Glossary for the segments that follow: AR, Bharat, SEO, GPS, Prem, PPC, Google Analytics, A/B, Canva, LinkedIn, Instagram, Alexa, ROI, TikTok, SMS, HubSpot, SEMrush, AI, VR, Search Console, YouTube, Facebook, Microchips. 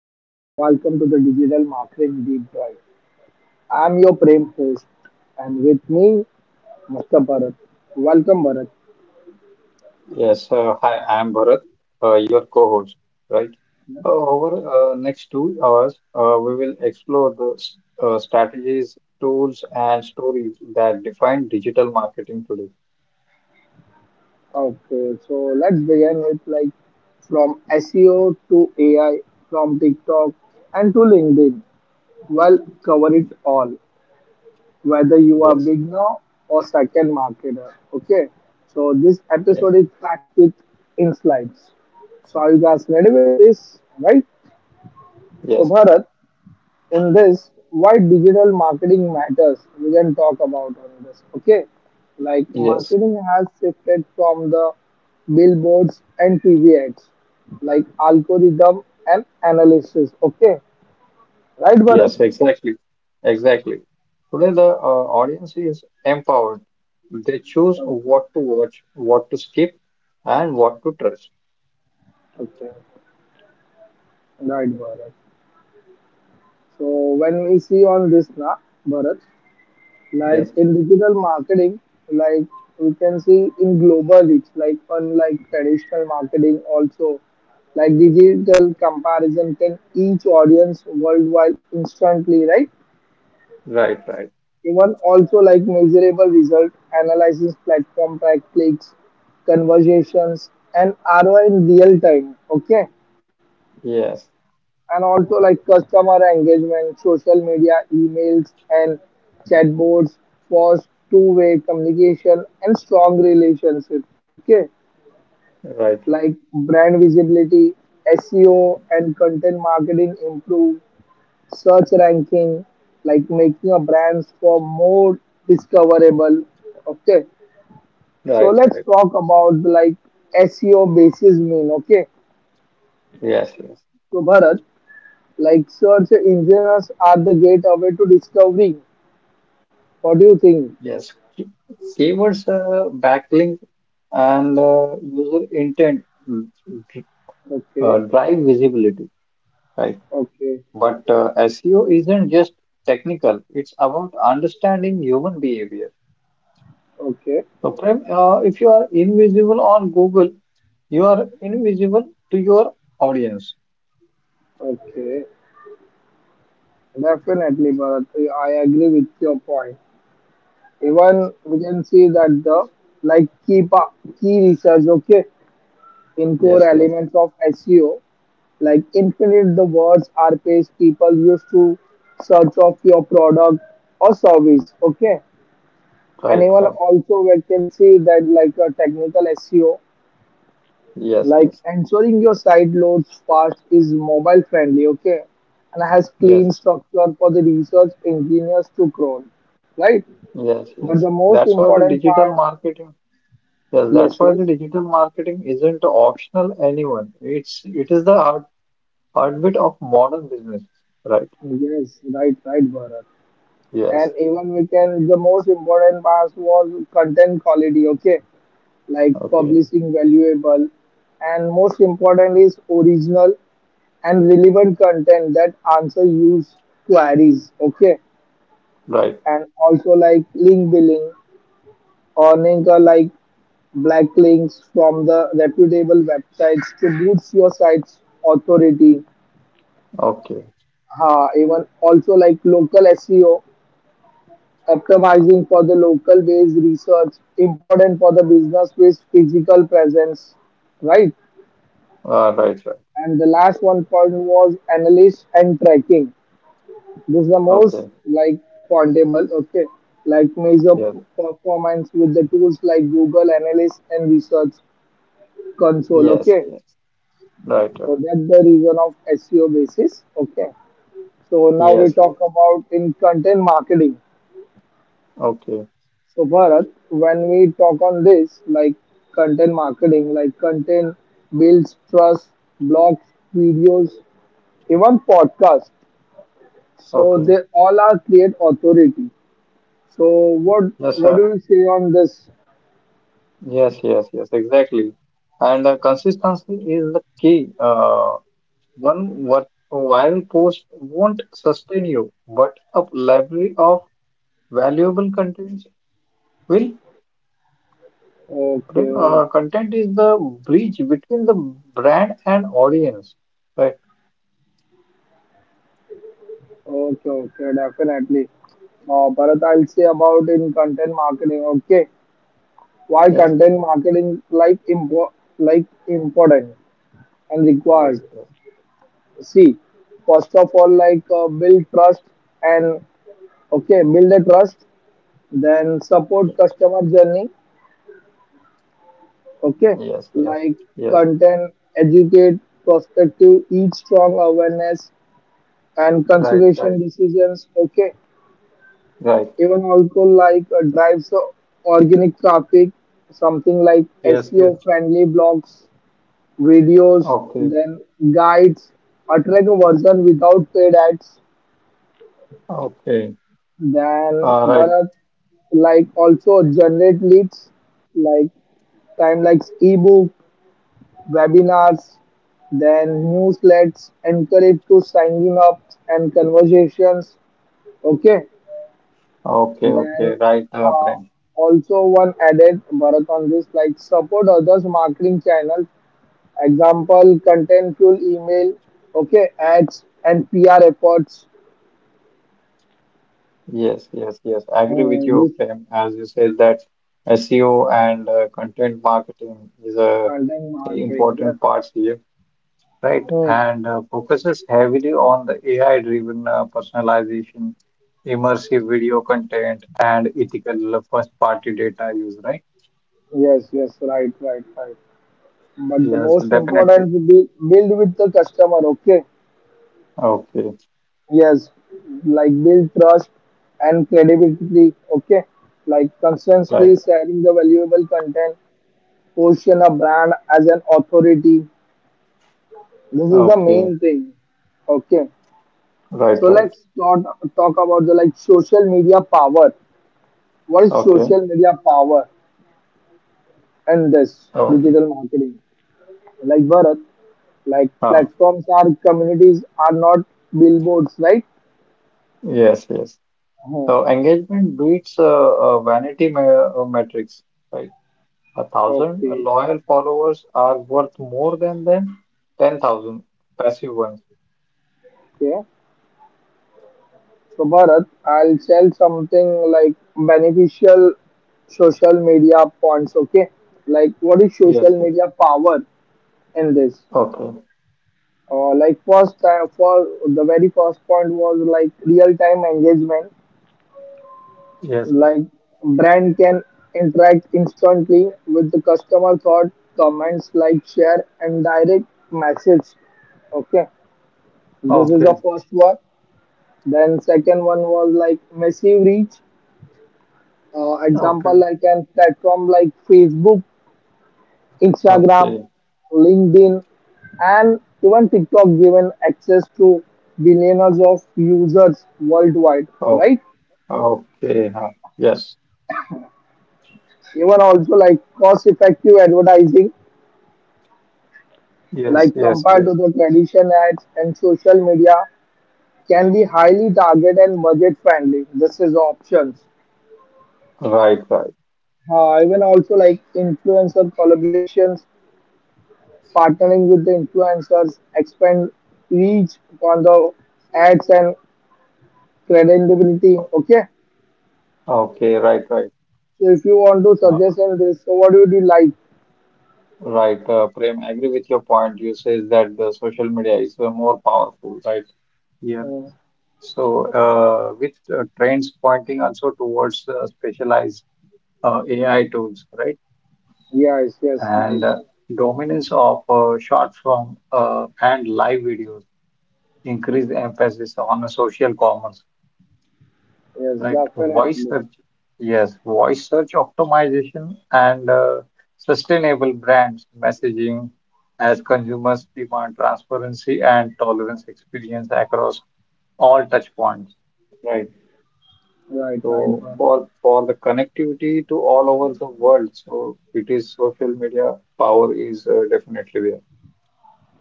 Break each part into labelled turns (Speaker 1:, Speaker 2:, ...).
Speaker 1: Namaste and welcome to the Digital Marketing Deep Dive. I'm your Prem host and with me, Mr. Bharat. Welcome, Bharat.
Speaker 2: Yes, hi, I'm Bharat, your co-host, right? Over next 2 hours, we will explore the strategies, tools, and stories that define digital marketing today.
Speaker 1: Okay, so let's begin with, like, from SEO to AI, from TikTok and to LinkedIn. Well, cover it all, whether you are
Speaker 2: Yes,
Speaker 1: beginner or second marketer. Okay, so this
Speaker 2: yes,
Speaker 1: episode is packed with insights. So are you guys ready with this? Right? So
Speaker 2: yes,
Speaker 1: Bharat, in this why digital marketing matters we can talk about on this, okay, like
Speaker 2: yes,
Speaker 1: marketing has shifted from the billboards and tv ads like algorithm and analysis, okay, right Bharat.
Speaker 2: yes, exactly. Today, the audience is empowered. They choose
Speaker 1: Okay,
Speaker 2: what to watch, what to skip, and what to trust.
Speaker 1: okay, right Bharat. So when we see on this na Bharat, like
Speaker 2: Yes,
Speaker 1: in digital marketing, like we can see in global reach, like unlike traditional marketing also, like digital comparison can each audience worldwide instantly, right?
Speaker 2: right.
Speaker 1: Even also like measurable result analysis platform track clicks, conversations and ROI in real time. Okay.
Speaker 2: Yes,
Speaker 1: And also like customer engagement, social media, emails, and chatbots for two-way communication and strong relationships. Okay,
Speaker 2: right, right,
Speaker 1: like brand visibility, SEO, and content marketing improve search ranking, like making a brands for more discoverable. Okay, so let's
Speaker 2: right.
Speaker 1: talk about like SEO basis mean. Okay,
Speaker 2: Yes, yes.
Speaker 1: so Bharat, like search engines are the gateway to discovery. What do you think?
Speaker 2: Yes, keywords, backlink, and user intent dr-
Speaker 1: Okay,
Speaker 2: drive visibility, right?
Speaker 1: okay,
Speaker 2: But SEO isn't just technical, it's about understanding human behavior.
Speaker 1: okay,
Speaker 2: So, Prem, if you are invisible on Google, you are invisible to your audience.
Speaker 1: okay. Definitely, Bharat. I agree with your point.
Speaker 2: Yes,
Speaker 1: Even we can see that the like key research, okay, in core
Speaker 2: yes, yes.
Speaker 1: elements of SEO, like infinite the words are page people used to search of your product or service, okay. And
Speaker 2: Right,
Speaker 1: even
Speaker 2: right.
Speaker 1: also we can see that like a technical SEO,
Speaker 2: Yes,
Speaker 1: like
Speaker 2: yes,
Speaker 1: ensuring your site loads fast is mobile friendly, okay, and has
Speaker 2: yes,
Speaker 1: clean structure for the research engineers to crawl, right?
Speaker 2: yes,
Speaker 1: But
Speaker 2: yes.
Speaker 1: the most
Speaker 2: That's what the
Speaker 1: important
Speaker 2: digital
Speaker 1: part,
Speaker 2: marketing. Yes,
Speaker 1: yes,
Speaker 2: that's why
Speaker 1: yes,
Speaker 2: the digital marketing isn't optional anyone. It is the heart, heartbeat of modern business, right?
Speaker 1: yes, right, right, Bharat.
Speaker 2: Yes.
Speaker 1: And even we can, the most important part was content quality, okay, like
Speaker 2: Okay.
Speaker 1: publishing valuable, and most important is original and relevant content that answer use queries, okay.
Speaker 2: Right.
Speaker 1: And also like link building, earning a like black links from the reputable websites to boost your site's authority.
Speaker 2: Okay.
Speaker 1: Ha, even also like local SEO, optimizing for the local based research, important for the business with physical presence, right?
Speaker 2: Right. Right.
Speaker 1: And the last one point was analysis and tracking. This is the most
Speaker 2: Okay.
Speaker 1: like portable, okay, like measure
Speaker 2: Yes.
Speaker 1: performance with the tools like Google Analytics and Research Console,
Speaker 2: Yes.
Speaker 1: okay.
Speaker 2: Yes. Right. Right.
Speaker 1: So that's the reason of SEO basis, okay. So now we
Speaker 2: Yes. Yes.
Speaker 1: talk about in content marketing.
Speaker 2: Okay.
Speaker 1: So Bharat, when we talk on this, like content marketing, like content builds trust, blogs, videos, even podcasts. So
Speaker 2: Okay.
Speaker 1: they all are create authority. So what
Speaker 2: Yes,
Speaker 1: what
Speaker 2: sir.
Speaker 1: do you say on this?
Speaker 2: Yes. Yes. Yes. Exactly. And the consistency is the key. One what viral post won't sustain you, but a library of valuable contents will. Right.
Speaker 1: Okay,
Speaker 2: Content is the bridge between the brand and audience, right?
Speaker 1: okay, okay, definitely. Bharat, I'll say about in content marketing. Okay, why
Speaker 2: Yes,
Speaker 1: content marketing like like important and required?
Speaker 2: yes,
Speaker 1: See, first of all, like build trust and okay, build the trust. Then support
Speaker 2: yes,
Speaker 1: customer journey. Okay,
Speaker 2: yes.
Speaker 1: like
Speaker 2: yes,
Speaker 1: content, educate, prospective, each strong awareness and
Speaker 2: Right,
Speaker 1: conservation decisions. Okay,
Speaker 2: right.
Speaker 1: even also like drives the organic traffic, something like
Speaker 2: Yes, yes.
Speaker 1: SEO friendly blogs, videos,
Speaker 2: Okay,
Speaker 1: then guides, attract a version without paid ads.
Speaker 2: okay.
Speaker 1: Then
Speaker 2: Right.
Speaker 1: Bharat like also generate leads like time like ebook, webinars, then newsletters, encourage to signing up and conversations. Okay,
Speaker 2: Okay,
Speaker 1: then
Speaker 2: okay. Right,
Speaker 1: uh,
Speaker 2: Prem.
Speaker 1: also one added Bharat on this like support others marketing channels, example content fuel email, okay ads and PR efforts.
Speaker 2: Yes, yes. I agree with you,
Speaker 1: This
Speaker 2: Prem. As you said that SEO and content marketing is a
Speaker 1: content
Speaker 2: very
Speaker 1: marketing. Yes.
Speaker 2: important part here. Right?
Speaker 1: Hmm.
Speaker 2: And focuses heavily on the AI-driven personalization, immersive video content, and ethical first-party data use, right?
Speaker 1: Yes. Yes. Right. Right. Right. But the
Speaker 2: Yes,
Speaker 1: most
Speaker 2: definitely.
Speaker 1: important to be build with the customer. Okay.
Speaker 2: Okay,
Speaker 1: Yes. Like build trust and credibility. Okay. Like
Speaker 2: right.
Speaker 1: constantly sharing the valuable content position a brand as an authority. This is the
Speaker 2: Okay,
Speaker 1: main thing. Okay.
Speaker 2: right,
Speaker 1: So
Speaker 2: right.
Speaker 1: let's not talk about the like social media power. What is
Speaker 2: Okay,
Speaker 1: social media power and this
Speaker 2: okay.
Speaker 1: digital marketing? Like Bharat, like
Speaker 2: Ah,
Speaker 1: platforms are communities are not billboards, right?
Speaker 2: yes, yes.
Speaker 1: Oh,
Speaker 2: So engagement beats vanity me metrics, right? A thousand
Speaker 1: okay,
Speaker 2: loyal followers are worth more than 10,000 passive ones.
Speaker 1: okay. So Bharat, I'll tell something like beneficial social media points. Okay, like what is
Speaker 2: Yes,
Speaker 1: social
Speaker 2: yes.
Speaker 1: media power? In this.
Speaker 2: Okay.
Speaker 1: Like first time for the very first point was like real time engagement.
Speaker 2: Yes.
Speaker 1: Like brand can interact instantly with the customer thought, comments, like share and direct message. Okay, this is the
Speaker 2: Okay.
Speaker 1: first one. Then second one was like massive reach. Example
Speaker 2: Okay,
Speaker 1: like an platform like Facebook Instagram,
Speaker 2: okay,
Speaker 1: LinkedIn, and even TikTok given access to billions of users worldwide,
Speaker 2: oh,
Speaker 1: right?
Speaker 2: okay, huh. Yes,
Speaker 1: Even also like cost effective advertising,
Speaker 2: yes,
Speaker 1: like
Speaker 2: yes,
Speaker 1: compared
Speaker 2: yes.
Speaker 1: to the traditional ads and social media, can be highly target and budget friendly. This is options.
Speaker 2: Right, right.
Speaker 1: Even also like influencer collaborations, partnering with the influencers, expand reach on the ads and credibility. Okay,
Speaker 2: Okay, right, right.
Speaker 1: so if you want to
Speaker 2: Uh,
Speaker 1: suggest on this, so what would you like?
Speaker 2: right, Prem, I agree with your point. You says that the social media is more powerful, right? Yeah.
Speaker 1: Uh,
Speaker 2: So, with trends pointing also towards specialized AI tools, right?
Speaker 1: yes, yes, right.
Speaker 2: And dominance of short form and live videos, increased emphasis on social commerce.
Speaker 1: Yes,
Speaker 2: Right, voice
Speaker 1: definitely.
Speaker 2: search. Yes, voice search optimization and sustainable brands messaging as consumers demand transparency and tolerance experience across all touch points. Right.
Speaker 1: Right, right,
Speaker 2: So
Speaker 1: Bharat.
Speaker 2: for for the connectivity to all over the world, so it is social media power is definitely there.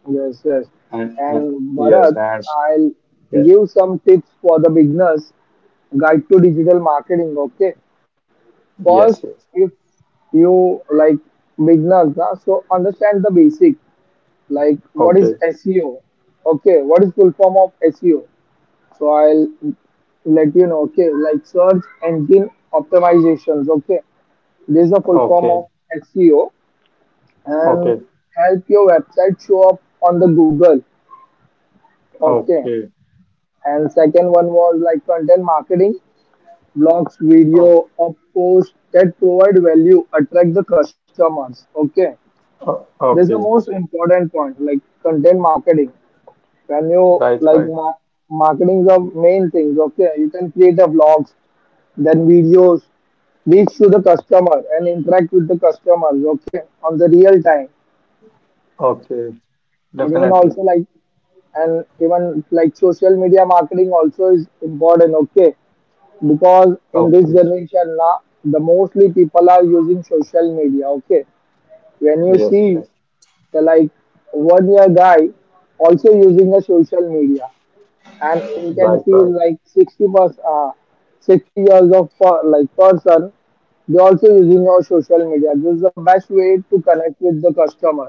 Speaker 1: Yes, yes.
Speaker 2: And
Speaker 1: And
Speaker 2: yes,
Speaker 1: Bharat,
Speaker 2: and
Speaker 1: I'll
Speaker 2: yes,
Speaker 1: give some tips for the beginners guide to digital marketing. Okay. First,
Speaker 2: yes.
Speaker 1: if you like beginners, na, so understand the basic, like what
Speaker 2: Okay,
Speaker 1: is SEO? Okay, what is full form of SEO? So I'll let you know, okay, like search engine optimizations, okay. This is a full form
Speaker 2: okay,
Speaker 1: of SEO and
Speaker 2: okay,
Speaker 1: help your website show up on the Google, okay.
Speaker 2: okay,
Speaker 1: And second one was like content marketing, blogs, video,
Speaker 2: okay,
Speaker 1: or posts that provide value, attract the customers, okay. This is the
Speaker 2: okay.
Speaker 1: most important point, like content marketing. When you
Speaker 2: Right,
Speaker 1: like
Speaker 2: right.
Speaker 1: marketing is the main things, okay. You can create a vlogs then videos reach to the customer and interact with the customers, okay, on the real time
Speaker 2: Okay,
Speaker 1: and even
Speaker 2: definitely.
Speaker 1: also like and even like social media marketing also is important, okay, because in this
Speaker 2: Okay.
Speaker 1: generation now the mostly people are using social media, okay, when you
Speaker 2: Yes,
Speaker 1: see
Speaker 2: yes.
Speaker 1: the like one year guy also using a social media and you can
Speaker 2: Right,
Speaker 1: see
Speaker 2: right,
Speaker 1: like 60%, 60 years of like person they also using our social media. This is the best way to connect with the customer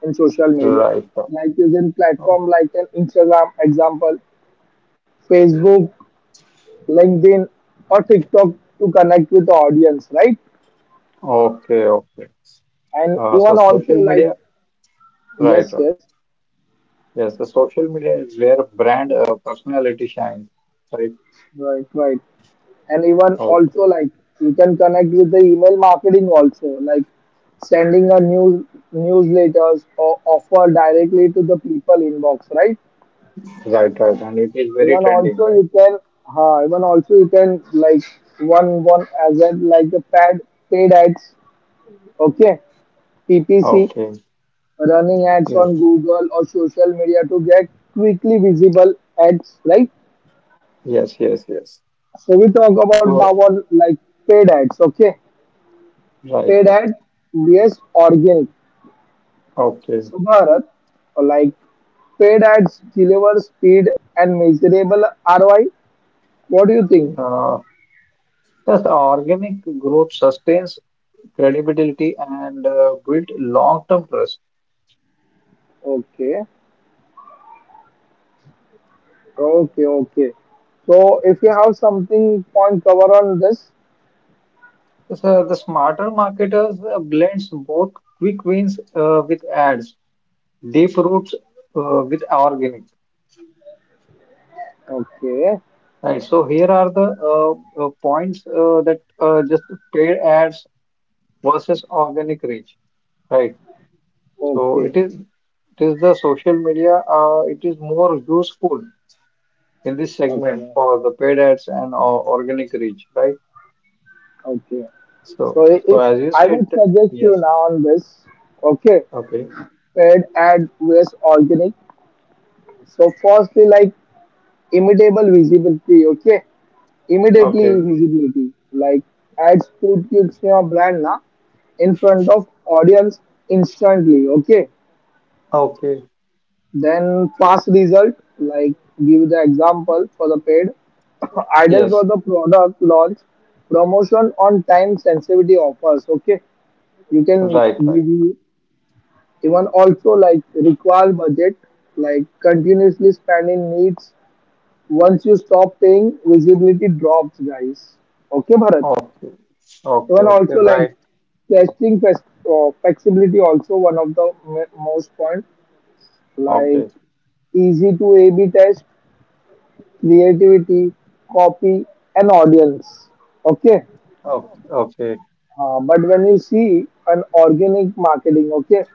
Speaker 1: in social media
Speaker 2: right, right.
Speaker 1: like using
Speaker 2: Oh,
Speaker 1: platform like an Instagram example Facebook LinkedIn or TikTok to connect with the audience, right?
Speaker 2: okay, okay.
Speaker 1: And
Speaker 2: So
Speaker 1: even also
Speaker 2: social
Speaker 1: like
Speaker 2: media, right,
Speaker 1: yes
Speaker 2: right.
Speaker 1: yes
Speaker 2: Yes, the social media is where brand personality shines, right?
Speaker 1: right right and even also
Speaker 2: Okay,
Speaker 1: like you can connect with the email marketing also like sending a newsletters or offer directly to the people inbox, right?
Speaker 2: right, right. And it is very
Speaker 1: Even
Speaker 2: trending,
Speaker 1: also
Speaker 2: right?
Speaker 1: you can even also you can like one as a like a pad paid ads, okay, PPC,
Speaker 2: Okay,
Speaker 1: running ads
Speaker 2: yes,
Speaker 1: on Google or social media to get quickly visible ads, right?
Speaker 2: yes.
Speaker 1: So we talk about now
Speaker 2: So,
Speaker 1: on like paid ads, okay.
Speaker 2: right,
Speaker 1: Paid
Speaker 2: right.
Speaker 1: ad vs organic
Speaker 2: Okay.
Speaker 1: Subharat, like paid ads deliver speed and measurable ROI. What do you think?
Speaker 2: Uh, yes, the organic growth sustains credibility and build long-term trust.
Speaker 1: Okay, okay, okay. So if you have something point cover on this,
Speaker 2: So the smarter marketers blends both quick wins with ads, deep roots with organic.
Speaker 1: okay,
Speaker 2: Right. So here are the points that just paid ads versus organic reach. Right. So
Speaker 1: okay,
Speaker 2: it is the social media. It is more useful in this segment
Speaker 1: okay,
Speaker 2: for the paid ads and organic reach. Right.
Speaker 1: okay.
Speaker 2: So
Speaker 1: So if
Speaker 2: as you
Speaker 1: I
Speaker 2: said,
Speaker 1: would suggest you
Speaker 2: yes.
Speaker 1: now on this, okay,
Speaker 2: Okay.
Speaker 1: paid ad vs organic. So firstly, like immutable visibility, okay. Immediately
Speaker 2: Okay.
Speaker 1: visibility. Like ads put your brand na in front of audience instantly. Okay,
Speaker 2: Okay.
Speaker 1: then fast result. Like give the example for the paid ideal for
Speaker 2: Yes.
Speaker 1: the product launch promotion on time sensitivity offers. Okay, you can
Speaker 2: Right. Right.
Speaker 1: give you even also like require budget like continuously spending needs once you stop paying visibility drops guys, okay Bharat.
Speaker 2: Okay,
Speaker 1: Even
Speaker 2: okay,
Speaker 1: also like
Speaker 2: right.
Speaker 1: testing flex- flexibility also one of the most point like
Speaker 2: Okay,
Speaker 1: easy to A/B test, creativity, copy, and audience. Okay,
Speaker 2: okay, okay,
Speaker 1: but when you see an organic marketing, okay,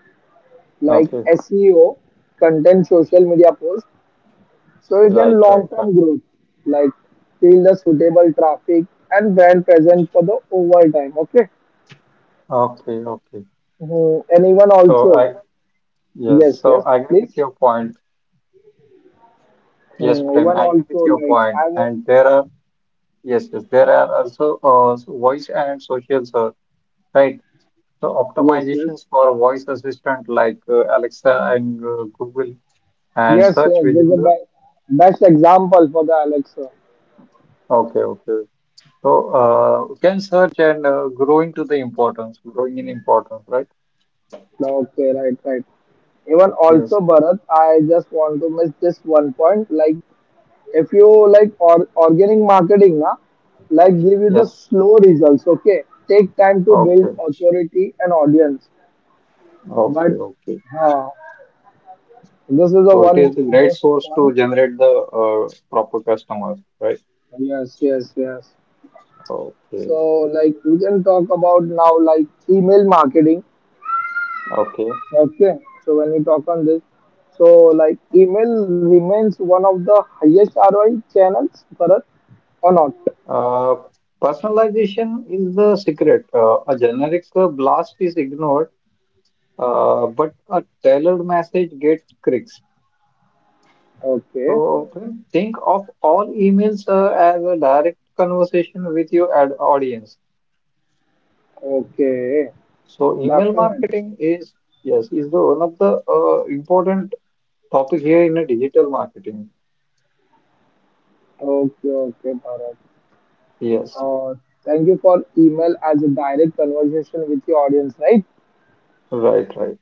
Speaker 1: like
Speaker 2: okay,
Speaker 1: SEO, content, social media post, so you can
Speaker 2: right,
Speaker 1: long
Speaker 2: right.
Speaker 1: term growth like build the suitable traffic and brand present for the overall time. Okay,
Speaker 2: Okay, okay.
Speaker 1: mhm. And even
Speaker 2: So
Speaker 1: also
Speaker 2: I, yes,
Speaker 1: yes,
Speaker 2: so
Speaker 1: yes,
Speaker 2: I agree with
Speaker 1: please.
Speaker 2: your point. Yes,
Speaker 1: Mm,
Speaker 2: Prem,
Speaker 1: even
Speaker 2: I agree
Speaker 1: also
Speaker 2: with your
Speaker 1: like
Speaker 2: point.
Speaker 1: I'm
Speaker 2: And there are, yes, yes, there are also voice and social search, right? So
Speaker 1: yes yes
Speaker 2: optimizations for voice assistant like Alexa and Google and
Speaker 1: yes
Speaker 2: search
Speaker 1: yes this is
Speaker 2: within
Speaker 1: the
Speaker 2: the,
Speaker 1: best example for the Alexa.
Speaker 2: okay, okay. So can search and growing in importance, right?
Speaker 1: Okay, right, right. Even
Speaker 2: Yes.
Speaker 1: also Bharat, I just want to miss this one point. Like if you like or organic marketing, na, like give you the
Speaker 2: Yes.
Speaker 1: slow results. Okay, take time to build
Speaker 2: Okay.
Speaker 1: authority and audience.
Speaker 2: Okay.
Speaker 1: But
Speaker 2: Okay.
Speaker 1: uh, this is the
Speaker 2: So it
Speaker 1: one
Speaker 2: is a great
Speaker 1: most
Speaker 2: source to
Speaker 1: point.
Speaker 2: generate the proper customers, right?
Speaker 1: Yes, yes, yes.
Speaker 2: Okay.
Speaker 1: So, like, we can talk about now, like, email marketing.
Speaker 2: Okay.
Speaker 1: Okay. So, when we talk on this, so, like, email remains one of the highest ROI channels for us or not.
Speaker 2: Uh, Personalization is the secret. A generic blast is ignored, but a tailored message gets clicks.
Speaker 1: Okay.
Speaker 2: So friend, think of all emails as a direct conversation with your ad audience.
Speaker 1: Okay.
Speaker 2: So email
Speaker 1: Definitely.
Speaker 2: marketing is yes is the one of the important topic here in a digital marketing.
Speaker 1: Okay. Okay, Bharat.
Speaker 2: Yes,
Speaker 1: Uh, thank you for email as a direct conversation with your audience, right?
Speaker 2: right, right.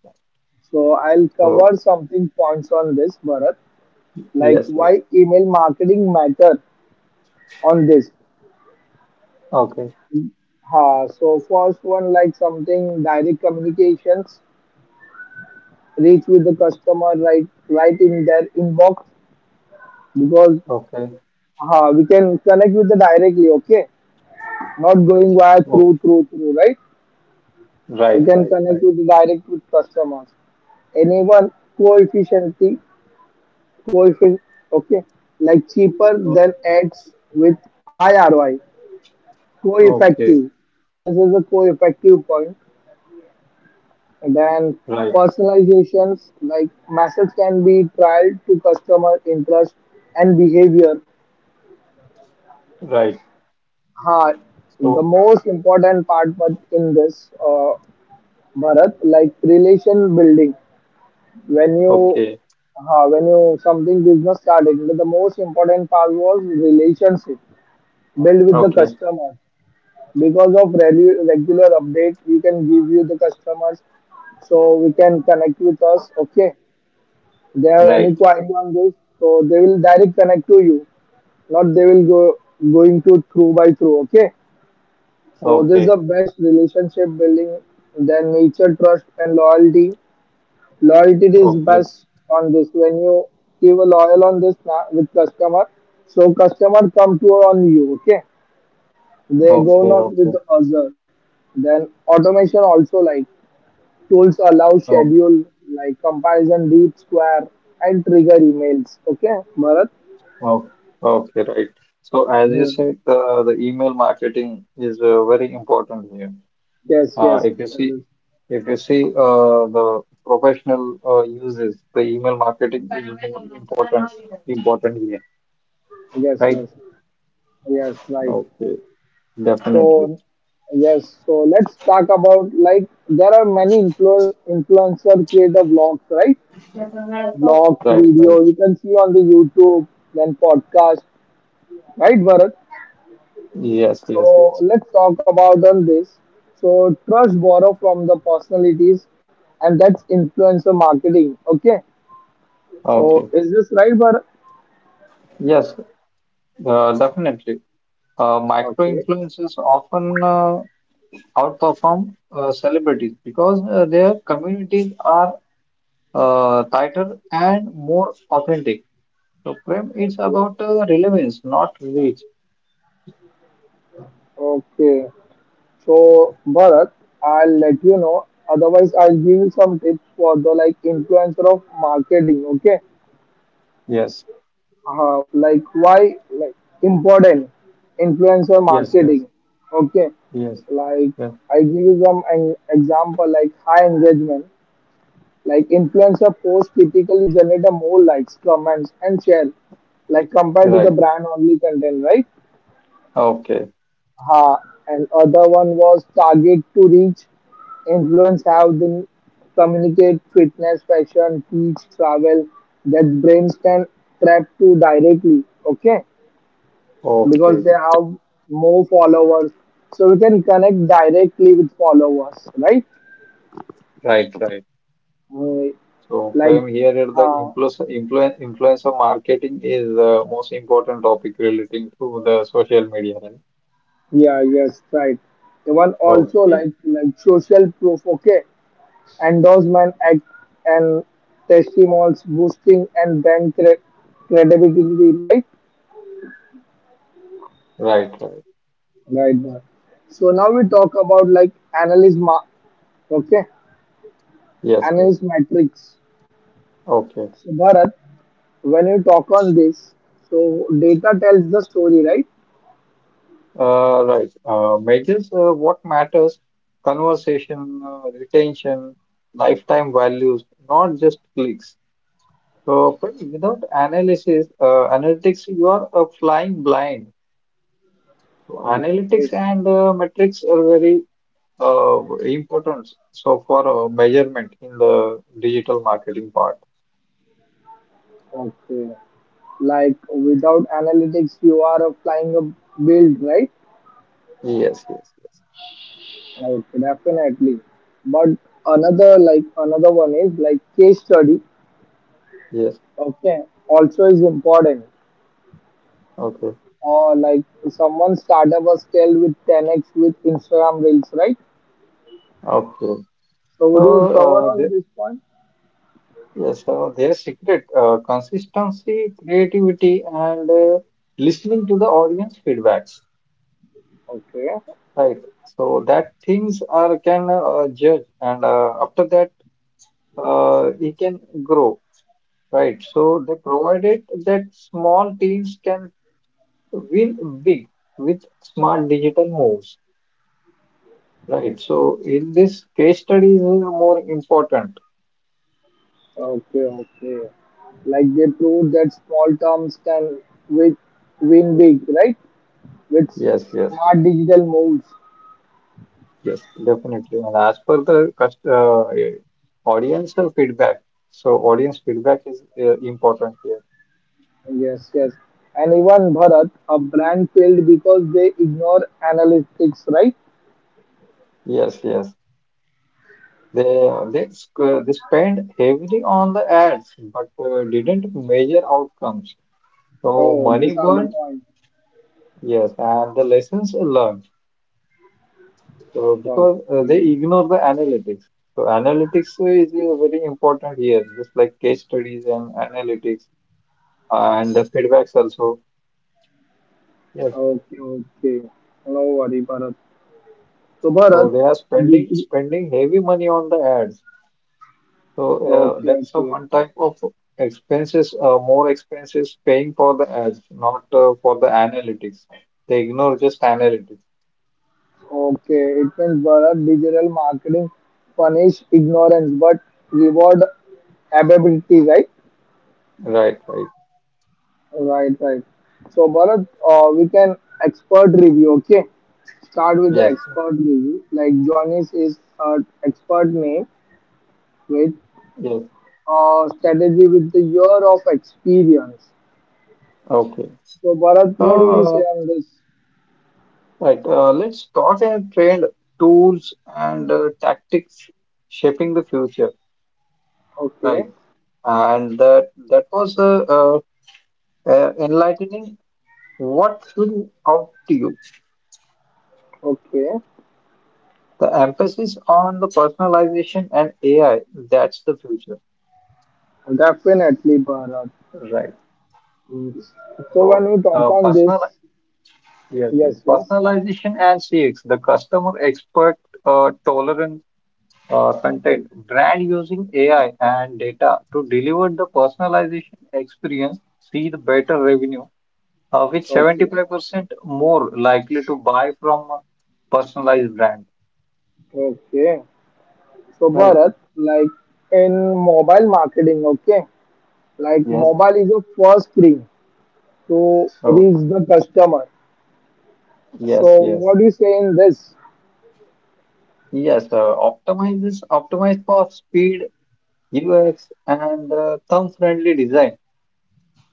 Speaker 1: So, I'll
Speaker 2: So,
Speaker 1: cover something points on this, Bharat, like
Speaker 2: yes, yes.
Speaker 1: why email marketing matter on this.
Speaker 2: Okay,
Speaker 1: Ha, so first one like something direct communications, reach with the customer right right in their inbox because
Speaker 2: okay.
Speaker 1: ha, we can connect with the directly, okay? Not going via
Speaker 2: Okay,
Speaker 1: through, right? We
Speaker 2: right,
Speaker 1: can connect
Speaker 2: right.
Speaker 1: with the direct with customers. Enable coefficiency coefficient, okay, like cheaper
Speaker 2: O-
Speaker 1: than ads with high ROI.
Speaker 2: Okay,
Speaker 1: Co-effective. This is a co-effective point. And then
Speaker 2: right,
Speaker 1: personalizations like methods can be trialed to customer interest and behavior.
Speaker 2: right.
Speaker 1: Ha, the
Speaker 2: So,
Speaker 1: most important part but in this Bharat, like relation building when you
Speaker 2: okay,
Speaker 1: when you something business started, the most important part was relationship build with the
Speaker 2: okay,
Speaker 1: customer. Because of regular update you can give you the customers, so we can connect with us. Okay, they have
Speaker 2: right.
Speaker 1: any query on this, so they will direct connect to you, not they will go going to through by through. Okay, so this is
Speaker 2: Okay,
Speaker 1: the best relationship building. Then nature trust and loyalty. Loyalty is
Speaker 2: okay,
Speaker 1: best on this when you give a loyal on this with customer. So customer come to on you. Okay, they go
Speaker 2: okay,
Speaker 1: not with
Speaker 2: okay.
Speaker 1: other. Then automation also like tools allow
Speaker 2: Oh,
Speaker 1: schedule like comparison deep square and trigger emails. Okay, Bharat.
Speaker 2: oh, okay, right. So, as you
Speaker 1: Mhm.
Speaker 2: said, the email marketing is very important here.
Speaker 1: Yes,
Speaker 2: Uh,
Speaker 1: yes,
Speaker 2: if you
Speaker 1: and
Speaker 2: see,
Speaker 1: this,
Speaker 2: if you see, the professional uses the email marketing is more important, important here,
Speaker 1: yes,
Speaker 2: right?
Speaker 1: yes, yes, right.
Speaker 2: Okay. Definitely.
Speaker 1: So, yes, so let's talk about, like, there are many influencer creator vlogs, right? Vlogs,
Speaker 2: Right, right.
Speaker 1: video you can see on the YouTube, then podcast, right, Bharat?
Speaker 2: Yes,
Speaker 1: So
Speaker 2: yes.
Speaker 1: let's talk about on this. So trust borrow from the personalities, and that's influencer marketing. Okay. So
Speaker 2: Okay.
Speaker 1: is this right, Bharat?
Speaker 2: Yes, definitely. Micro
Speaker 1: Okay.
Speaker 2: influencers often outperform celebrities because their communities are tighter and more authentic. So, Prem, it's
Speaker 1: Okay.
Speaker 2: about relevance, not reach.
Speaker 1: Okay. So, Bharat, I'll let you know. Otherwise, I'll give you some tips for the like influencer of marketing. Okay,
Speaker 2: Yes,
Speaker 1: like why like important influencer
Speaker 2: yes, yes,
Speaker 1: marketing. Okay,
Speaker 2: yes,
Speaker 1: like
Speaker 2: yes.
Speaker 1: I give you some an example like high engagement. Like influencer posts typically generate a more likes, comments, and share, like compared to the
Speaker 2: Right.
Speaker 1: brand only content, right?
Speaker 2: Okay,
Speaker 1: Ha, and other one was target to reach, influence how they communicate, fitness, fashion, teach, travel, that brains can trap to directly, okay? Because
Speaker 2: okay.
Speaker 1: they have more followers. So we can connect directly with followers, right?
Speaker 2: Right, right.
Speaker 1: Uh,
Speaker 2: So
Speaker 1: like
Speaker 2: from here, at the
Speaker 1: uh,
Speaker 2: influence of marketing is the most important topic relating to the social media, right?
Speaker 1: yeah, yes, right, the one also
Speaker 2: Okay,
Speaker 1: like social proof, okay, endorsement act and testimonials boosting and brand credibility, right,
Speaker 2: right, right.
Speaker 1: right, Bharat. So now we talk about like analyst ma- okay,
Speaker 2: Yes, yes.
Speaker 1: analyst metrics.
Speaker 2: Okay.
Speaker 1: So Bharat, when you talk on this, so data tells the story, right?
Speaker 2: Right. Measures what matters: conversation, retention, lifetime values, not just clicks. So but without analytics, you are flying blind. So analytics
Speaker 1: Okay,
Speaker 2: and metrics are very importance so for measurement in the digital marketing part.
Speaker 1: okay, like without analytics you are a flying a build, right?
Speaker 2: yes yes yes
Speaker 1: Okay, definitely. But another one is like case study.
Speaker 2: yes
Speaker 1: Okay, also is important.
Speaker 2: Okay,
Speaker 1: Like someone startup was scaled with 10x with Instagram Reels, right?
Speaker 2: okay.
Speaker 1: So
Speaker 2: So
Speaker 1: would you cover
Speaker 2: uh,
Speaker 1: on
Speaker 2: the,
Speaker 1: this point?
Speaker 2: yes, so their secret consistency, creativity, and listening to the audience feedbacks,
Speaker 1: Okay,
Speaker 2: right? So that things are can judge, and after that he can grow, right? So they provided that small teams can win big with smart digital moves. Right. So
Speaker 1: okay,
Speaker 2: in this case studies are more important.
Speaker 1: okay, okay. Like they proved that small terms can with win big, right? With
Speaker 2: Yes, yes, yes,
Speaker 1: smart digital moves.
Speaker 2: yes, definitely. And as per the audience feedback, so audience feedback is important here.
Speaker 1: Yes, yes. And even Bharat, a brand failed because they ignore analytics, right?
Speaker 2: Yes, yes. They spend heavily on the ads, but didn't measure outcomes. So
Speaker 1: Oh,
Speaker 2: money
Speaker 1: these are the
Speaker 2: burned.
Speaker 1: points.
Speaker 2: Yes, and the lessons learned. So because they
Speaker 1: Okay.
Speaker 2: ignore the analytics. So analytics is very important here, just like case studies and analytics and the feedbacks also. Yes.
Speaker 1: Okay, okay. No worry, Bharat. So, Bharat,
Speaker 2: So they are
Speaker 1: digi-
Speaker 2: spending heavy money on the ads. So
Speaker 1: okay,
Speaker 2: that's a
Speaker 1: okay,
Speaker 2: one type of expenses, more expenses paying for the ads, not for the analytics. They ignore just analytics.
Speaker 1: okay. It means Bharat, digital marketing punish ignorance but reward ability, right?
Speaker 2: Right, right.
Speaker 1: Right, right. So, Bharat, we can expert review. Okay, start with the
Speaker 2: Yes,
Speaker 1: expert review. Like Johnny's is an expert name with
Speaker 2: yes.
Speaker 1: strategy with the year of experience.
Speaker 2: Okay.
Speaker 1: So, Bharat, what would you say
Speaker 2: Uh,
Speaker 1: on this?
Speaker 2: Right, let's talk and trend tools and tactics shaping the future.
Speaker 1: Okay.
Speaker 2: Right, and that was enlightening. What flew out to you?
Speaker 1: Okay,
Speaker 2: The emphasis on the personalization and AI. That's the future.
Speaker 1: definitely, Bharat.
Speaker 2: Right.
Speaker 1: Mm. So when
Speaker 2: So,
Speaker 1: we talk
Speaker 2: uh,
Speaker 1: on this,
Speaker 2: personal yes.
Speaker 1: yes, yes.
Speaker 2: Personalization and CX, the customer expert tolerance content, brand using AI and data to deliver the personalization experience, see the better revenue, with
Speaker 1: Okay,
Speaker 2: 75% more likely to buy from a personalized brand.
Speaker 1: okay. So
Speaker 2: Right.
Speaker 1: Bharat, like, in mobile marketing, okay, like
Speaker 2: Yes.
Speaker 1: mobile is the first screen to
Speaker 2: Oh,
Speaker 1: reach the customer.
Speaker 2: yes,
Speaker 1: So
Speaker 2: yes.
Speaker 1: what do you say in this?
Speaker 2: Yes, optimized for speed, UX, and thumb-friendly design.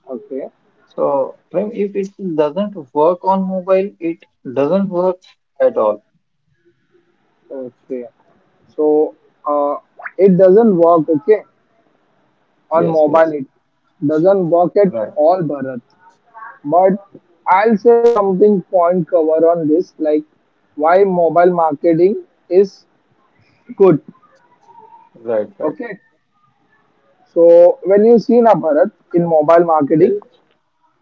Speaker 1: Okay,
Speaker 2: So, Prem, if it doesn't work on mobile, it doesn't work at all.
Speaker 1: okay. So uh, it doesn't work, okay, on
Speaker 2: Yes,
Speaker 1: mobile.
Speaker 2: yes.
Speaker 1: It doesn't work at
Speaker 2: Right,
Speaker 1: all, Bharat. But I'll say something point cover on this, like why mobile marketing is good.
Speaker 2: right, right.
Speaker 1: Okay. So when you see na Bharat in mobile
Speaker 2: Yes.
Speaker 1: marketing,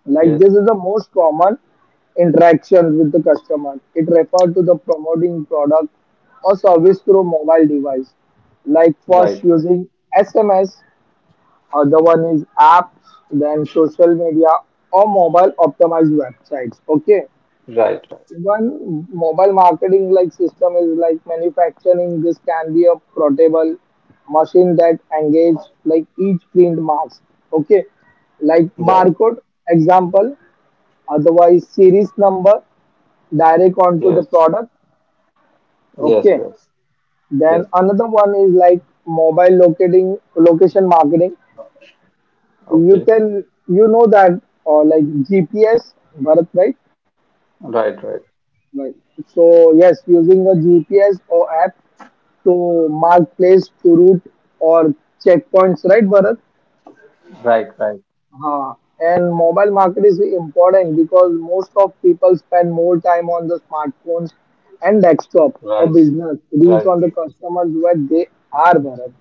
Speaker 1: like
Speaker 2: Yes,
Speaker 1: this is the most common interaction with the customer. It refers to the promoting product or service through mobile device. Like
Speaker 2: right,
Speaker 1: first
Speaker 2: right,
Speaker 1: using SMS, other one is apps, then social media or mobile optimized websites. Okay.
Speaker 2: right,
Speaker 1: One mobile marketing like system is like manufacturing. This can be a portable machine that engage like each print marks. Okay, like
Speaker 2: right.
Speaker 1: barcode example, otherwise series number direct onto the
Speaker 2: Yes,
Speaker 1: product.
Speaker 2: yes,
Speaker 1: Okay,
Speaker 2: yes,
Speaker 1: then
Speaker 2: yes.
Speaker 1: another one is like mobile locating location marketing. You
Speaker 2: Okay,
Speaker 1: can you know that or like GPS, Bharat, right?
Speaker 2: right, right,
Speaker 1: Right. So yes, using a GPS or app to mark place to route or checkpoints, right, Bharat?
Speaker 2: right, right,
Speaker 1: Huh. And mobile market is important because most of people spend more time on the smartphones and desktop for
Speaker 2: right,
Speaker 1: business, reach on the
Speaker 2: right.
Speaker 1: customers where they are, Bharat,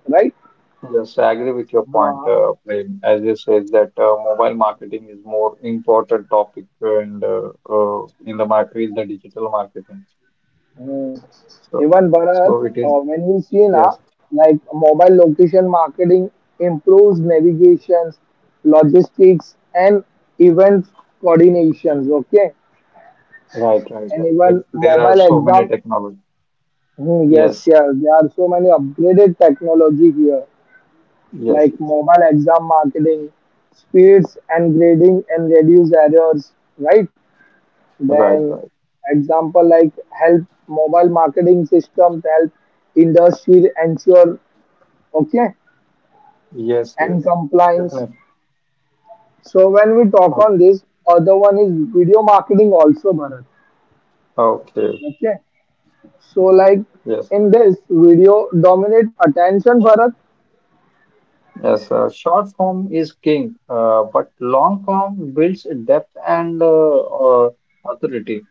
Speaker 2: Yes, I agree with your point,
Speaker 1: right?
Speaker 2: Prem. As you said that mobile marketing is more important topic and in the market, in the digital marketing.
Speaker 1: Hmm.
Speaker 2: So,
Speaker 1: Even Bharat,
Speaker 2: so it is.
Speaker 1: when we see
Speaker 2: Yes,
Speaker 1: now, like mobile location marketing improves navigations, logistics, and event coordinations. Okay, and
Speaker 2: right.
Speaker 1: even
Speaker 2: There are
Speaker 1: mobile
Speaker 2: so
Speaker 1: exam.
Speaker 2: many technology.
Speaker 1: Hmm, yes,
Speaker 2: Yes,
Speaker 1: yes, there are so many upgraded technology here,
Speaker 2: yes,
Speaker 1: like
Speaker 2: yes.
Speaker 1: mobile exam marketing, speeds and grading, and reduce errors. Right?
Speaker 2: Right,
Speaker 1: Then
Speaker 2: right.
Speaker 1: example like help mobile marketing systems help industry ensure okay
Speaker 2: Yes,
Speaker 1: and
Speaker 2: yes.
Speaker 1: compliance.
Speaker 2: Definitely.
Speaker 1: So when we talk on
Speaker 2: Okay.
Speaker 1: this, other one is video marketing also, Bharat.
Speaker 2: Okay.
Speaker 1: Okay. So like
Speaker 2: Yes.
Speaker 1: in this video dominate attention Bharat.
Speaker 2: Yes, short form is king, but long form builds depth and uh, authority.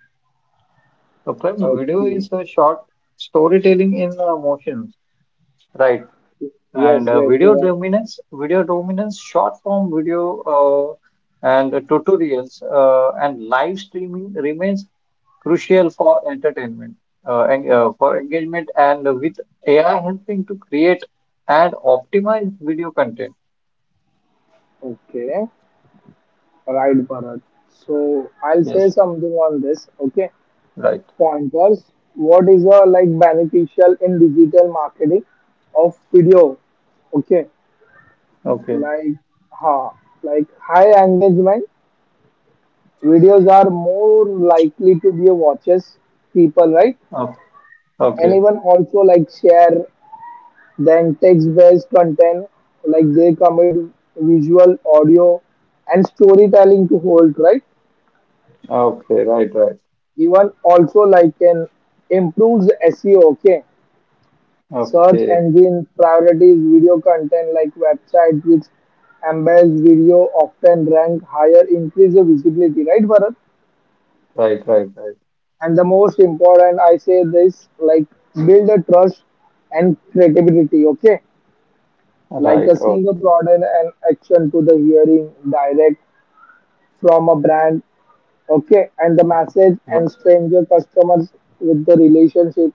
Speaker 2: So, Prem, video is
Speaker 1: Okay.
Speaker 2: a short storytelling in motion, right?
Speaker 1: Yes,
Speaker 2: And
Speaker 1: yes, right.
Speaker 2: video dominance, short form video and tutorials and live streaming remains crucial for entertainment, for engagement, and with AI helping to create and optimize video content.
Speaker 1: Okay. Right Bharat. So I'll say
Speaker 2: Yes,
Speaker 1: something on this. Okay.
Speaker 2: right.
Speaker 1: Pointers. What is a like beneficial in digital marketing of video? Okay,
Speaker 2: Okay.
Speaker 1: like ha, like high engagement videos are more likely to be watches people, right?
Speaker 2: Oh, okay,
Speaker 1: Anyone also like share than text-based content, like they commit visual, audio, and storytelling to hold, right?
Speaker 2: okay, right, right.
Speaker 1: Even also like can improves SEO. Okay, search
Speaker 2: Okay,
Speaker 1: engine prioritize video content like website which embeds video often rank higher, increase the visibility, right Bharat?
Speaker 2: right, right, right,
Speaker 1: And the most important, I say this, like build a trust and credibility, okay? Like
Speaker 2: right,
Speaker 1: a single
Speaker 2: okay,
Speaker 1: product and action to the hearing direct from a brand, okay? And the message
Speaker 2: R-
Speaker 1: and stranger customers with the relationship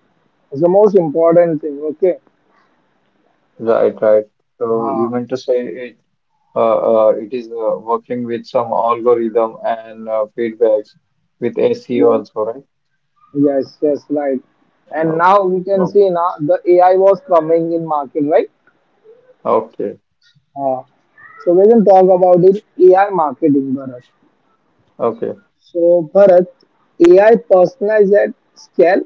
Speaker 1: is the most important thing, okay?
Speaker 2: right, right. So you
Speaker 1: Uh,
Speaker 2: meant to say it, it is working with some algorithm and feedbacks with SEO
Speaker 1: yes.
Speaker 2: also, right?
Speaker 1: Yes, yes, right. And
Speaker 2: Oh,
Speaker 1: now we can see
Speaker 2: oh,
Speaker 1: now the AI was coming in market, right?
Speaker 2: okay,
Speaker 1: Uh, so we can talk about in AI marketing, Bharat.
Speaker 2: okay.
Speaker 1: So Bharat, AI personalized at scale.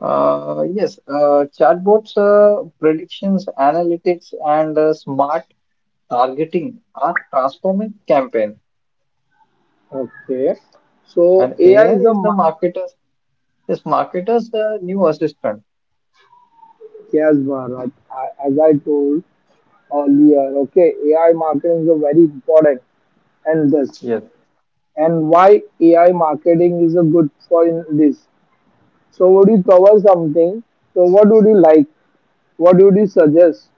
Speaker 2: Yes, chatbots, predictions, analytics, and smart targeting are transforming campaign,
Speaker 1: Okay. So
Speaker 2: and
Speaker 1: AI
Speaker 2: AI
Speaker 1: is a
Speaker 2: is the
Speaker 1: ma-
Speaker 2: marketer's. Yes, marketers the new assistant.
Speaker 1: yes, Bharat. As I told earlier, okay, AI marketing is a very important and this
Speaker 2: Yes,
Speaker 1: and why AI marketing is a good for in this. So would you cover something? So what would you like? What would you suggest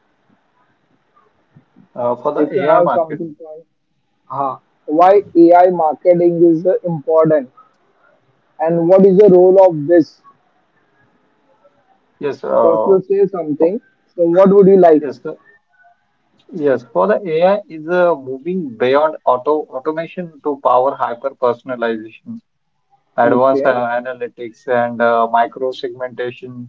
Speaker 2: for the
Speaker 1: if you
Speaker 2: AI
Speaker 1: have
Speaker 2: marketing.
Speaker 1: something for uh, why AI marketing is important and what is the role of this?
Speaker 2: Yes,
Speaker 1: So if
Speaker 2: uh,
Speaker 1: you say
Speaker 2: for,
Speaker 1: something, so what would you like?
Speaker 2: yes. yes. For the AI is moving beyond automation to power hyper personalization, advanced
Speaker 1: Okay,
Speaker 2: analytics, and micro segmentation,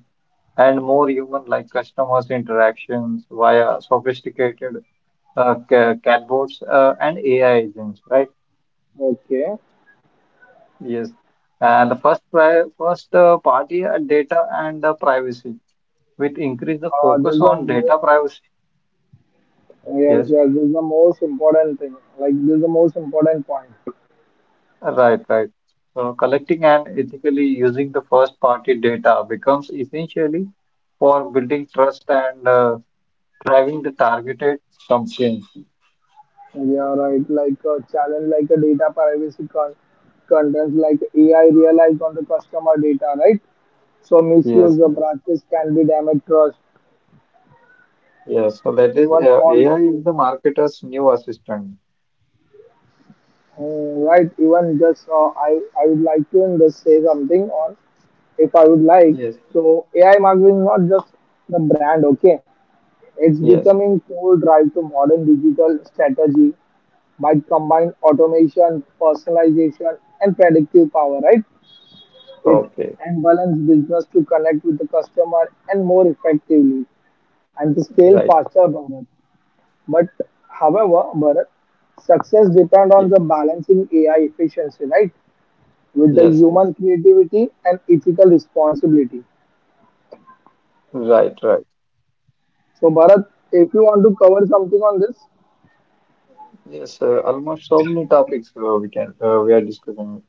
Speaker 2: and more human-like customers interactions via sophisticated chatbots and AI agents. Right?
Speaker 1: okay.
Speaker 2: Yes. And the first party data and privacy. With increase the
Speaker 1: This
Speaker 2: focus
Speaker 1: is the
Speaker 2: on data
Speaker 1: mo-
Speaker 2: privacy.
Speaker 1: yes,
Speaker 2: Yes,
Speaker 1: yes, this is the most important thing. Like this is the most important point.
Speaker 2: right, right. So collecting and ethically using the first party data becomes essentially for building trust and driving the targeted campaigns.
Speaker 1: Yeah, right. Like a challenge, like a data privacy content, like AI realized on the customer data, right? So
Speaker 2: Yes,
Speaker 1: misuse of
Speaker 2: yes,
Speaker 1: practice can be damage trust.
Speaker 2: yes. So that is
Speaker 1: Even on
Speaker 2: AI is
Speaker 1: true.
Speaker 2: the marketer's new assistant.
Speaker 1: Right, even just I would like to just say something on if I would like.
Speaker 2: Yes,
Speaker 1: So AI marketing is not just the brand, okay? It's
Speaker 2: yes.
Speaker 1: becoming core drive to modern digital strategy by combined automation, personalization, and predictive power, right? It
Speaker 2: Okay,
Speaker 1: enables business to connect with the customer and more effectively and to scale
Speaker 2: right.
Speaker 1: faster, Bharat. But however, Bharat, success depends on
Speaker 2: Ye-
Speaker 1: the balancing AI efficiency, right, with the
Speaker 2: Yes, yes.
Speaker 1: human creativity and ethical responsibility.
Speaker 2: Right, right.
Speaker 1: So, Bharat, if you want to cover something on this,
Speaker 2: Yes, almost so many topics we are discussing.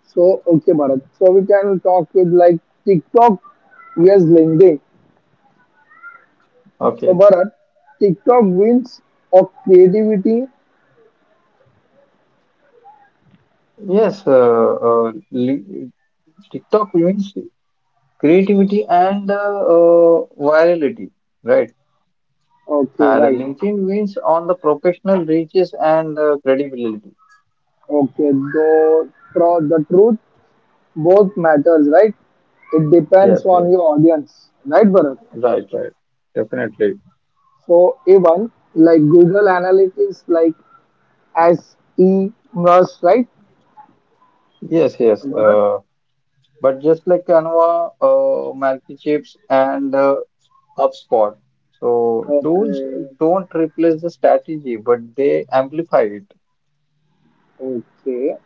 Speaker 1: so okay, Bharat. So we can talk with like TikTok vs LinkedIn. So,
Speaker 2: Okay.
Speaker 1: Bharat, TikTok wins of creativity.
Speaker 2: Yes, li TikTok means creativity and virality, right?
Speaker 1: Okay,
Speaker 2: And
Speaker 1: right.
Speaker 2: LinkedIn means on the professional reaches and credibility.
Speaker 1: Okay, though the truth both matters, right? It depends
Speaker 2: Yes,
Speaker 1: on
Speaker 2: yes,
Speaker 1: your audience, right, Bharat?
Speaker 2: right, right, definitely.
Speaker 1: So even like Google Analytics, like SEMrush, right?
Speaker 2: Yes, yes.
Speaker 1: Bharat.
Speaker 2: But just like Canva, Microchips, and HubSpot, so tools
Speaker 1: Okay.
Speaker 2: don't replace the strategy, but they amplify it.
Speaker 1: Okay.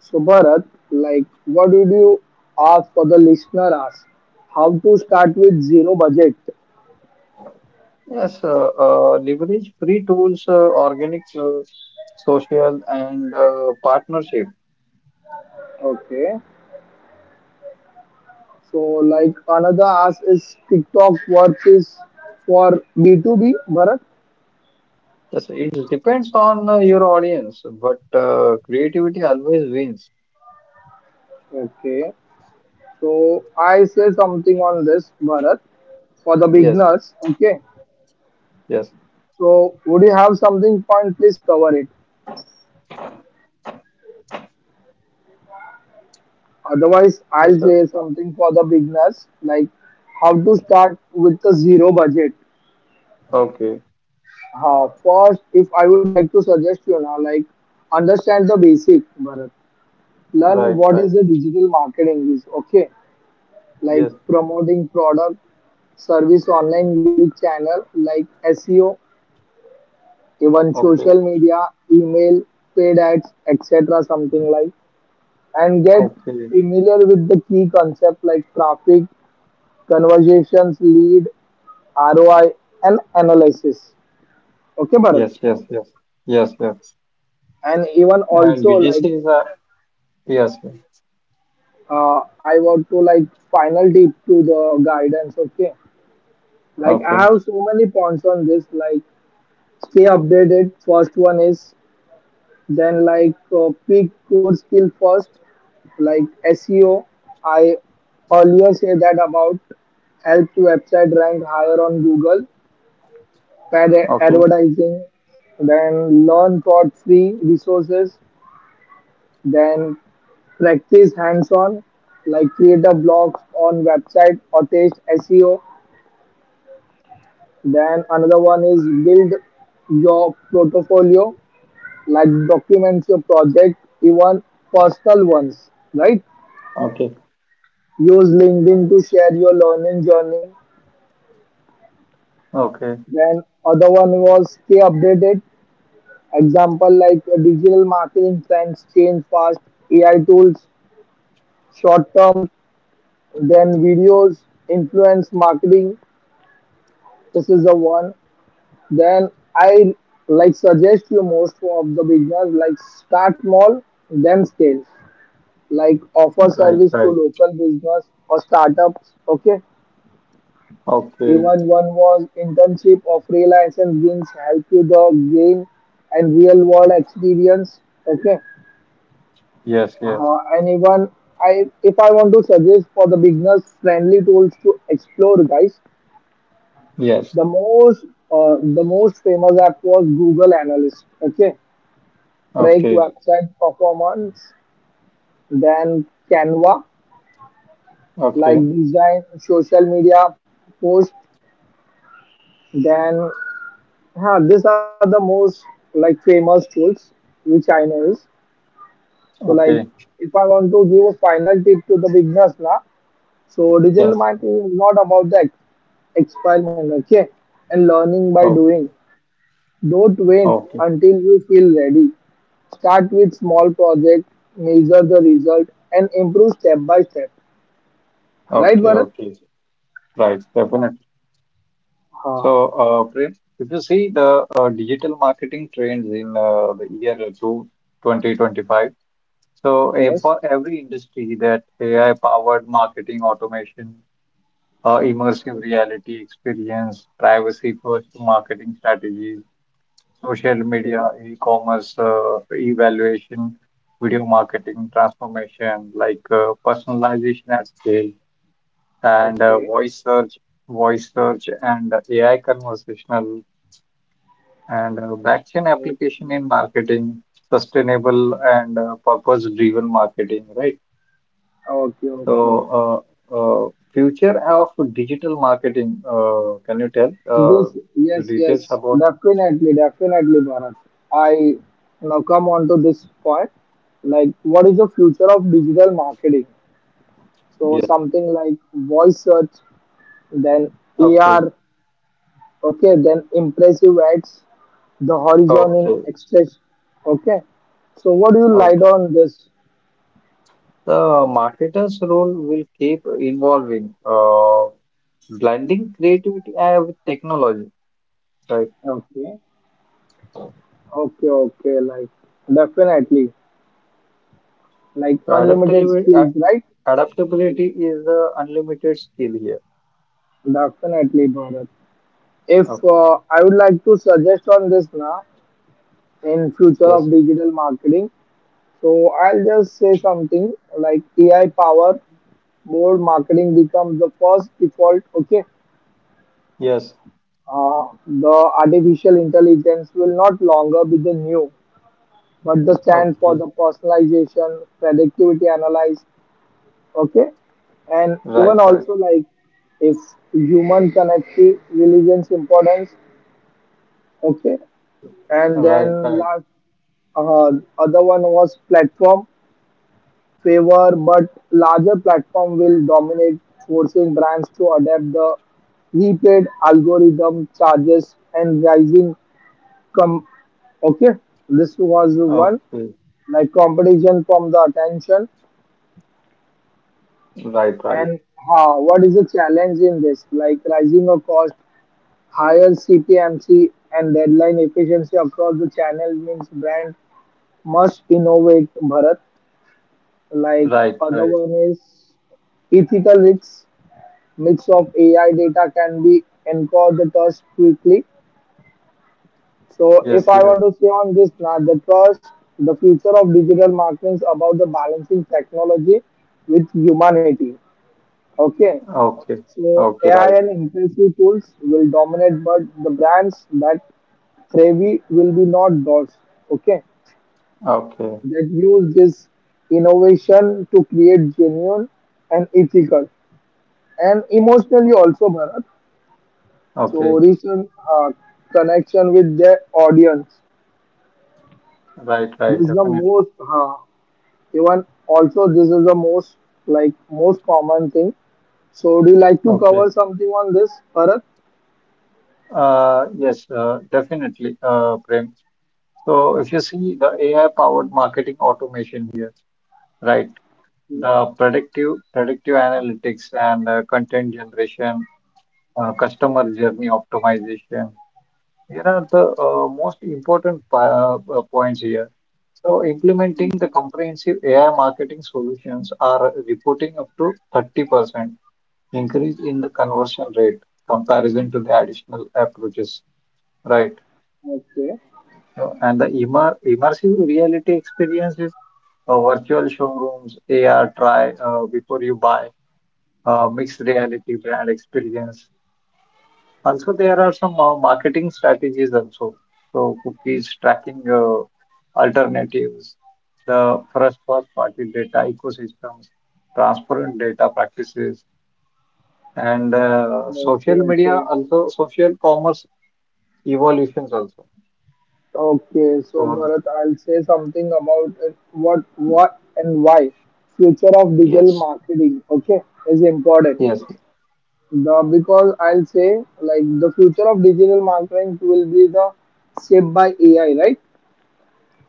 Speaker 1: So Bharat, like, what would you ask for the listener? Ask how to start with zero budget.
Speaker 2: Yes, leverage free tools, organic social and partnership.
Speaker 1: Okay. So like another ask is TikTok worth is for B2B, Bharat.
Speaker 2: Yes, it depends on your audience, but creativity always wins.
Speaker 1: Okay. So I say something on this, Bharat, for the
Speaker 2: Yes, yes,
Speaker 1: beginners. Okay.
Speaker 2: yes,
Speaker 1: So, would you have something fun? Please cover it. Otherwise, I'll
Speaker 2: yes, sir.
Speaker 1: say something for the beginners, like how to start with the zero budget.
Speaker 2: Okay,
Speaker 1: First, if I would like to suggest you now, like understand the basic, Bharat. Learn
Speaker 2: right,
Speaker 1: what
Speaker 2: right.
Speaker 1: is the digital marketing is. Okay, like
Speaker 2: Yes,
Speaker 1: promoting product, service online music channel like SEO, even
Speaker 2: okay,
Speaker 1: social media, email, paid ads, etc. Something like and get
Speaker 2: okay.
Speaker 1: familiar with the key concepts like traffic, conversations, lead, ROI, and analysis. Okay, Bharat.
Speaker 2: Yes, yes, yes, yes, yes.
Speaker 1: And even
Speaker 2: And
Speaker 1: also like
Speaker 2: UGC is a yes. Yes.
Speaker 1: I want to like final tip to the guidance. Okay, like I
Speaker 2: Okay,
Speaker 1: have so many points on this. Like stay updated. First one is then like pick core skill first, like SEO. I earlier said that about help to website rank higher on Google paid
Speaker 2: okay,
Speaker 1: advertising, then learn for free resources, then practice hands-on, like create a blog on website or test SEO. Then another one is build your portfolio, like documents your project, even personal ones, right?
Speaker 2: okay,
Speaker 1: Use LinkedIn to share your learning journey.
Speaker 2: okay.
Speaker 1: Then other one was stay updated. Example like digital marketing trends change fast, AI tools short-term, then videos, influence marketing. This is the one. Then I like suggest you most of the business like start small, then scale. Like offer
Speaker 2: Right,
Speaker 1: service to
Speaker 2: right.
Speaker 1: local business or startups. Okay.
Speaker 2: Okay.
Speaker 1: Even one was internship or freelance and things help you the gain and real world experience. Okay.
Speaker 2: Yes,
Speaker 1: And even if I want to suggest for the beginners friendly tools to explore, guys,
Speaker 2: yes.
Speaker 1: The most the most famous app was Google Analyst. Okay, track
Speaker 2: Okay,
Speaker 1: website performance, then Canva, like
Speaker 2: okay,
Speaker 1: design, social media post. Then huh, these are the most like famous tools which I know is. So like
Speaker 2: okay.
Speaker 1: if I want to give a final tip to the beginners now, so digital
Speaker 2: Yes.
Speaker 1: marketing is not about the experiment okay and learning by
Speaker 2: Oh,
Speaker 1: doing. Don't wait
Speaker 2: okay,
Speaker 1: until you feel ready. Start with small projects, measure the result, and improve step by step. Right, Bharat?
Speaker 2: okay. Right,
Speaker 1: Ah,
Speaker 2: definitely.
Speaker 1: ah,
Speaker 2: So, Prem, if you see the digital marketing trends in the year through 2025, so
Speaker 1: yes.
Speaker 2: for every industry that AI-powered marketing automation, immersive reality experience, privacy-first marketing strategies, social media,
Speaker 1: Okay,
Speaker 2: e-commerce evaluation, video marketing transformation, like personalization at scale, and
Speaker 1: okay,
Speaker 2: voice search, and AI conversational. And blockchain
Speaker 1: okay,
Speaker 2: application in marketing, sustainable and purpose-driven marketing, right?
Speaker 1: okay, okay.
Speaker 2: So, future of digital marketing, can you tell
Speaker 1: This,
Speaker 2: the
Speaker 1: yes,
Speaker 2: details
Speaker 1: yes,
Speaker 2: about?
Speaker 1: definitely, definitely, Bharat. I now come on to this point. Like, what is the future of digital marketing? So,
Speaker 2: Yes.
Speaker 1: something like voice search, then
Speaker 2: Okay.
Speaker 1: AR, okay, then impressive adds the horizon in
Speaker 2: Okay.
Speaker 1: express. Okay, so what do you light
Speaker 2: Okay.
Speaker 1: on this?
Speaker 2: The marketer's role will keep evolving, blending creativity with technology, right?
Speaker 1: Okay, okay, okay, like definitely, like
Speaker 2: So
Speaker 1: unlimited skills, right?
Speaker 2: adaptability is the unlimited skill here.
Speaker 1: Definitely, Bharat. If
Speaker 2: Okay.
Speaker 1: uh, I would like to suggest on this now in future
Speaker 2: Yes.
Speaker 1: of digital marketing, so I'll just say something like AI power board marketing becomes the first default. Okay,
Speaker 2: Yes.
Speaker 1: the artificial intelligence will not longer be the new, but the stand for
Speaker 2: Okay.
Speaker 1: the personalization, predictivity analyze, okay? And even
Speaker 2: Right, right,
Speaker 1: also like if human connective religions importance, okay? And
Speaker 2: right,
Speaker 1: then
Speaker 2: right.
Speaker 1: last uh, other one was platform favor, but larger platform will dominate, forcing brands to adapt the repaid algorithm charges and rising com, okay, this was the one,
Speaker 2: Okay,
Speaker 1: like competition from the attention,
Speaker 2: right, right,
Speaker 1: and what is the challenge in this like rising of cost, higher cpmc and deadline efficiency across the channel means brand must innovate, Bharat. Like other
Speaker 2: right.
Speaker 1: one is ethical risks, mix of AI data can be encouraged the trust quickly. So, if
Speaker 2: Yes,
Speaker 1: I
Speaker 2: yes.
Speaker 1: want to say on this, now the trust, the future of digital marketing is about the balancing technology with humanity. Okay,
Speaker 2: Okay,
Speaker 1: so
Speaker 2: okay,
Speaker 1: AI
Speaker 2: right.
Speaker 1: and impressive tools will dominate, but the brands that thrive will be not those. Okay,
Speaker 2: Okay,
Speaker 1: that use this innovation to create genuine and ethical and emotionally also, Bharat.
Speaker 2: okay,
Speaker 1: So, recent connection with their audience.
Speaker 2: right,
Speaker 1: This
Speaker 2: right.
Speaker 1: is the
Speaker 2: Definitely.
Speaker 1: most. Huh, even also, this is the most like most common thing. So, do you like to
Speaker 2: Okay.
Speaker 1: cover something on this, Bharat?
Speaker 2: Yes, definitely, Prem. So if you see the AI-powered marketing automation here, right?
Speaker 1: Okay,
Speaker 2: The predictive analytics and content generation, customer journey optimization. Here are the most important points here. So, implementing the
Speaker 1: okay,
Speaker 2: comprehensive AI marketing solutions are reporting up to 30% increase in the conversion rate comparison to the additional approaches, right?
Speaker 1: okay,
Speaker 2: So, and the immersive reality experiences, virtual showrooms, AR try before you buy, mixed reality brand experience. Also, there are some marketing strategies also. So cookies tracking alternatives, the first party data ecosystems, transparent data practices, and social
Speaker 1: okay,
Speaker 2: media
Speaker 1: okay.
Speaker 2: also social commerce evolutions also.
Speaker 1: Okay, so
Speaker 2: So,
Speaker 1: Bharat, I'll say something about it. What, and why future of digital
Speaker 2: yes,
Speaker 1: marketing. Okay, is important.
Speaker 2: yes,
Speaker 1: The because I'll say like the future of digital marketing will be the shaped by AI, right?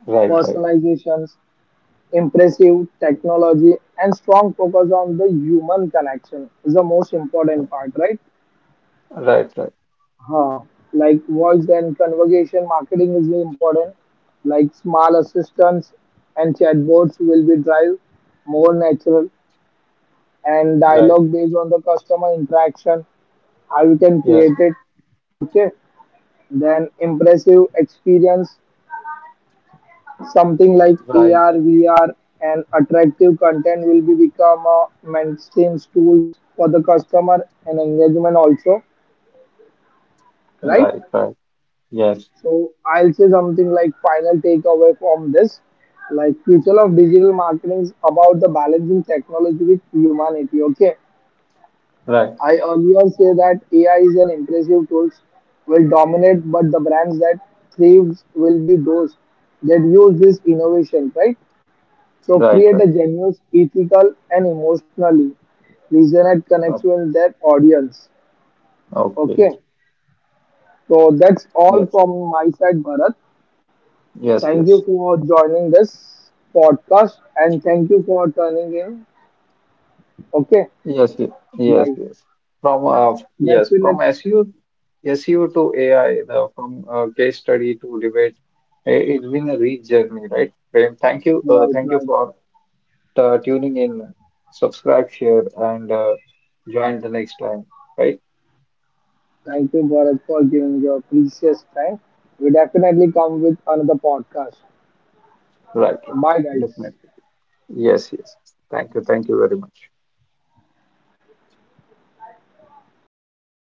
Speaker 2: right, right,
Speaker 1: Personalizations, impressive technology and strong focus on the human connection is the most important part, right?
Speaker 2: right, right,
Speaker 1: Huh. Like voice and conversation marketing is very important. Like small assistants and chatbots will be drive more natural and
Speaker 2: right,
Speaker 1: dialogue based on the customer interaction, how you can
Speaker 2: yes,
Speaker 1: create it. Okay. Then impressive experience, something like
Speaker 2: right,
Speaker 1: AR, VR, and attractive content will be become a mainstream tools for the customer and engagement also, right?
Speaker 2: right, right, yes,
Speaker 1: So I'll say something like final takeaway from this, like future of digital marketing is about the balancing technology with humanity. Okay,
Speaker 2: right,
Speaker 1: I earlier say that AI is an impressive tools will dominate, but the brands that thrives will be those that use this innovation, right? So
Speaker 2: right,
Speaker 1: create a
Speaker 2: right.
Speaker 1: genuine, ethical, and emotionally resonant connection
Speaker 2: Okay,
Speaker 1: with their audience.
Speaker 2: okay.
Speaker 1: Okay. So that's all
Speaker 2: yes,
Speaker 1: from my side, Bharat.
Speaker 2: yes.
Speaker 1: Thank you
Speaker 2: Yes.
Speaker 1: for joining this podcast and thank you for turning in. Okay.
Speaker 2: Yes,
Speaker 1: Right.
Speaker 2: yes. From uh, yes,
Speaker 1: Definitely.
Speaker 2: from SU, SU to AI, the from case study to debate, it's been a rich journey, right? Prem, thank you,
Speaker 1: Right,
Speaker 2: thank you
Speaker 1: right.
Speaker 2: for tuning in. Subscribe, share, and join the next time, right?
Speaker 1: Thank you, Bharat, for giving your precious time. We definitely come with another podcast.
Speaker 2: Right, right,
Speaker 1: Bye, guys.
Speaker 2: definitely. Yes, yes. Thank you very much.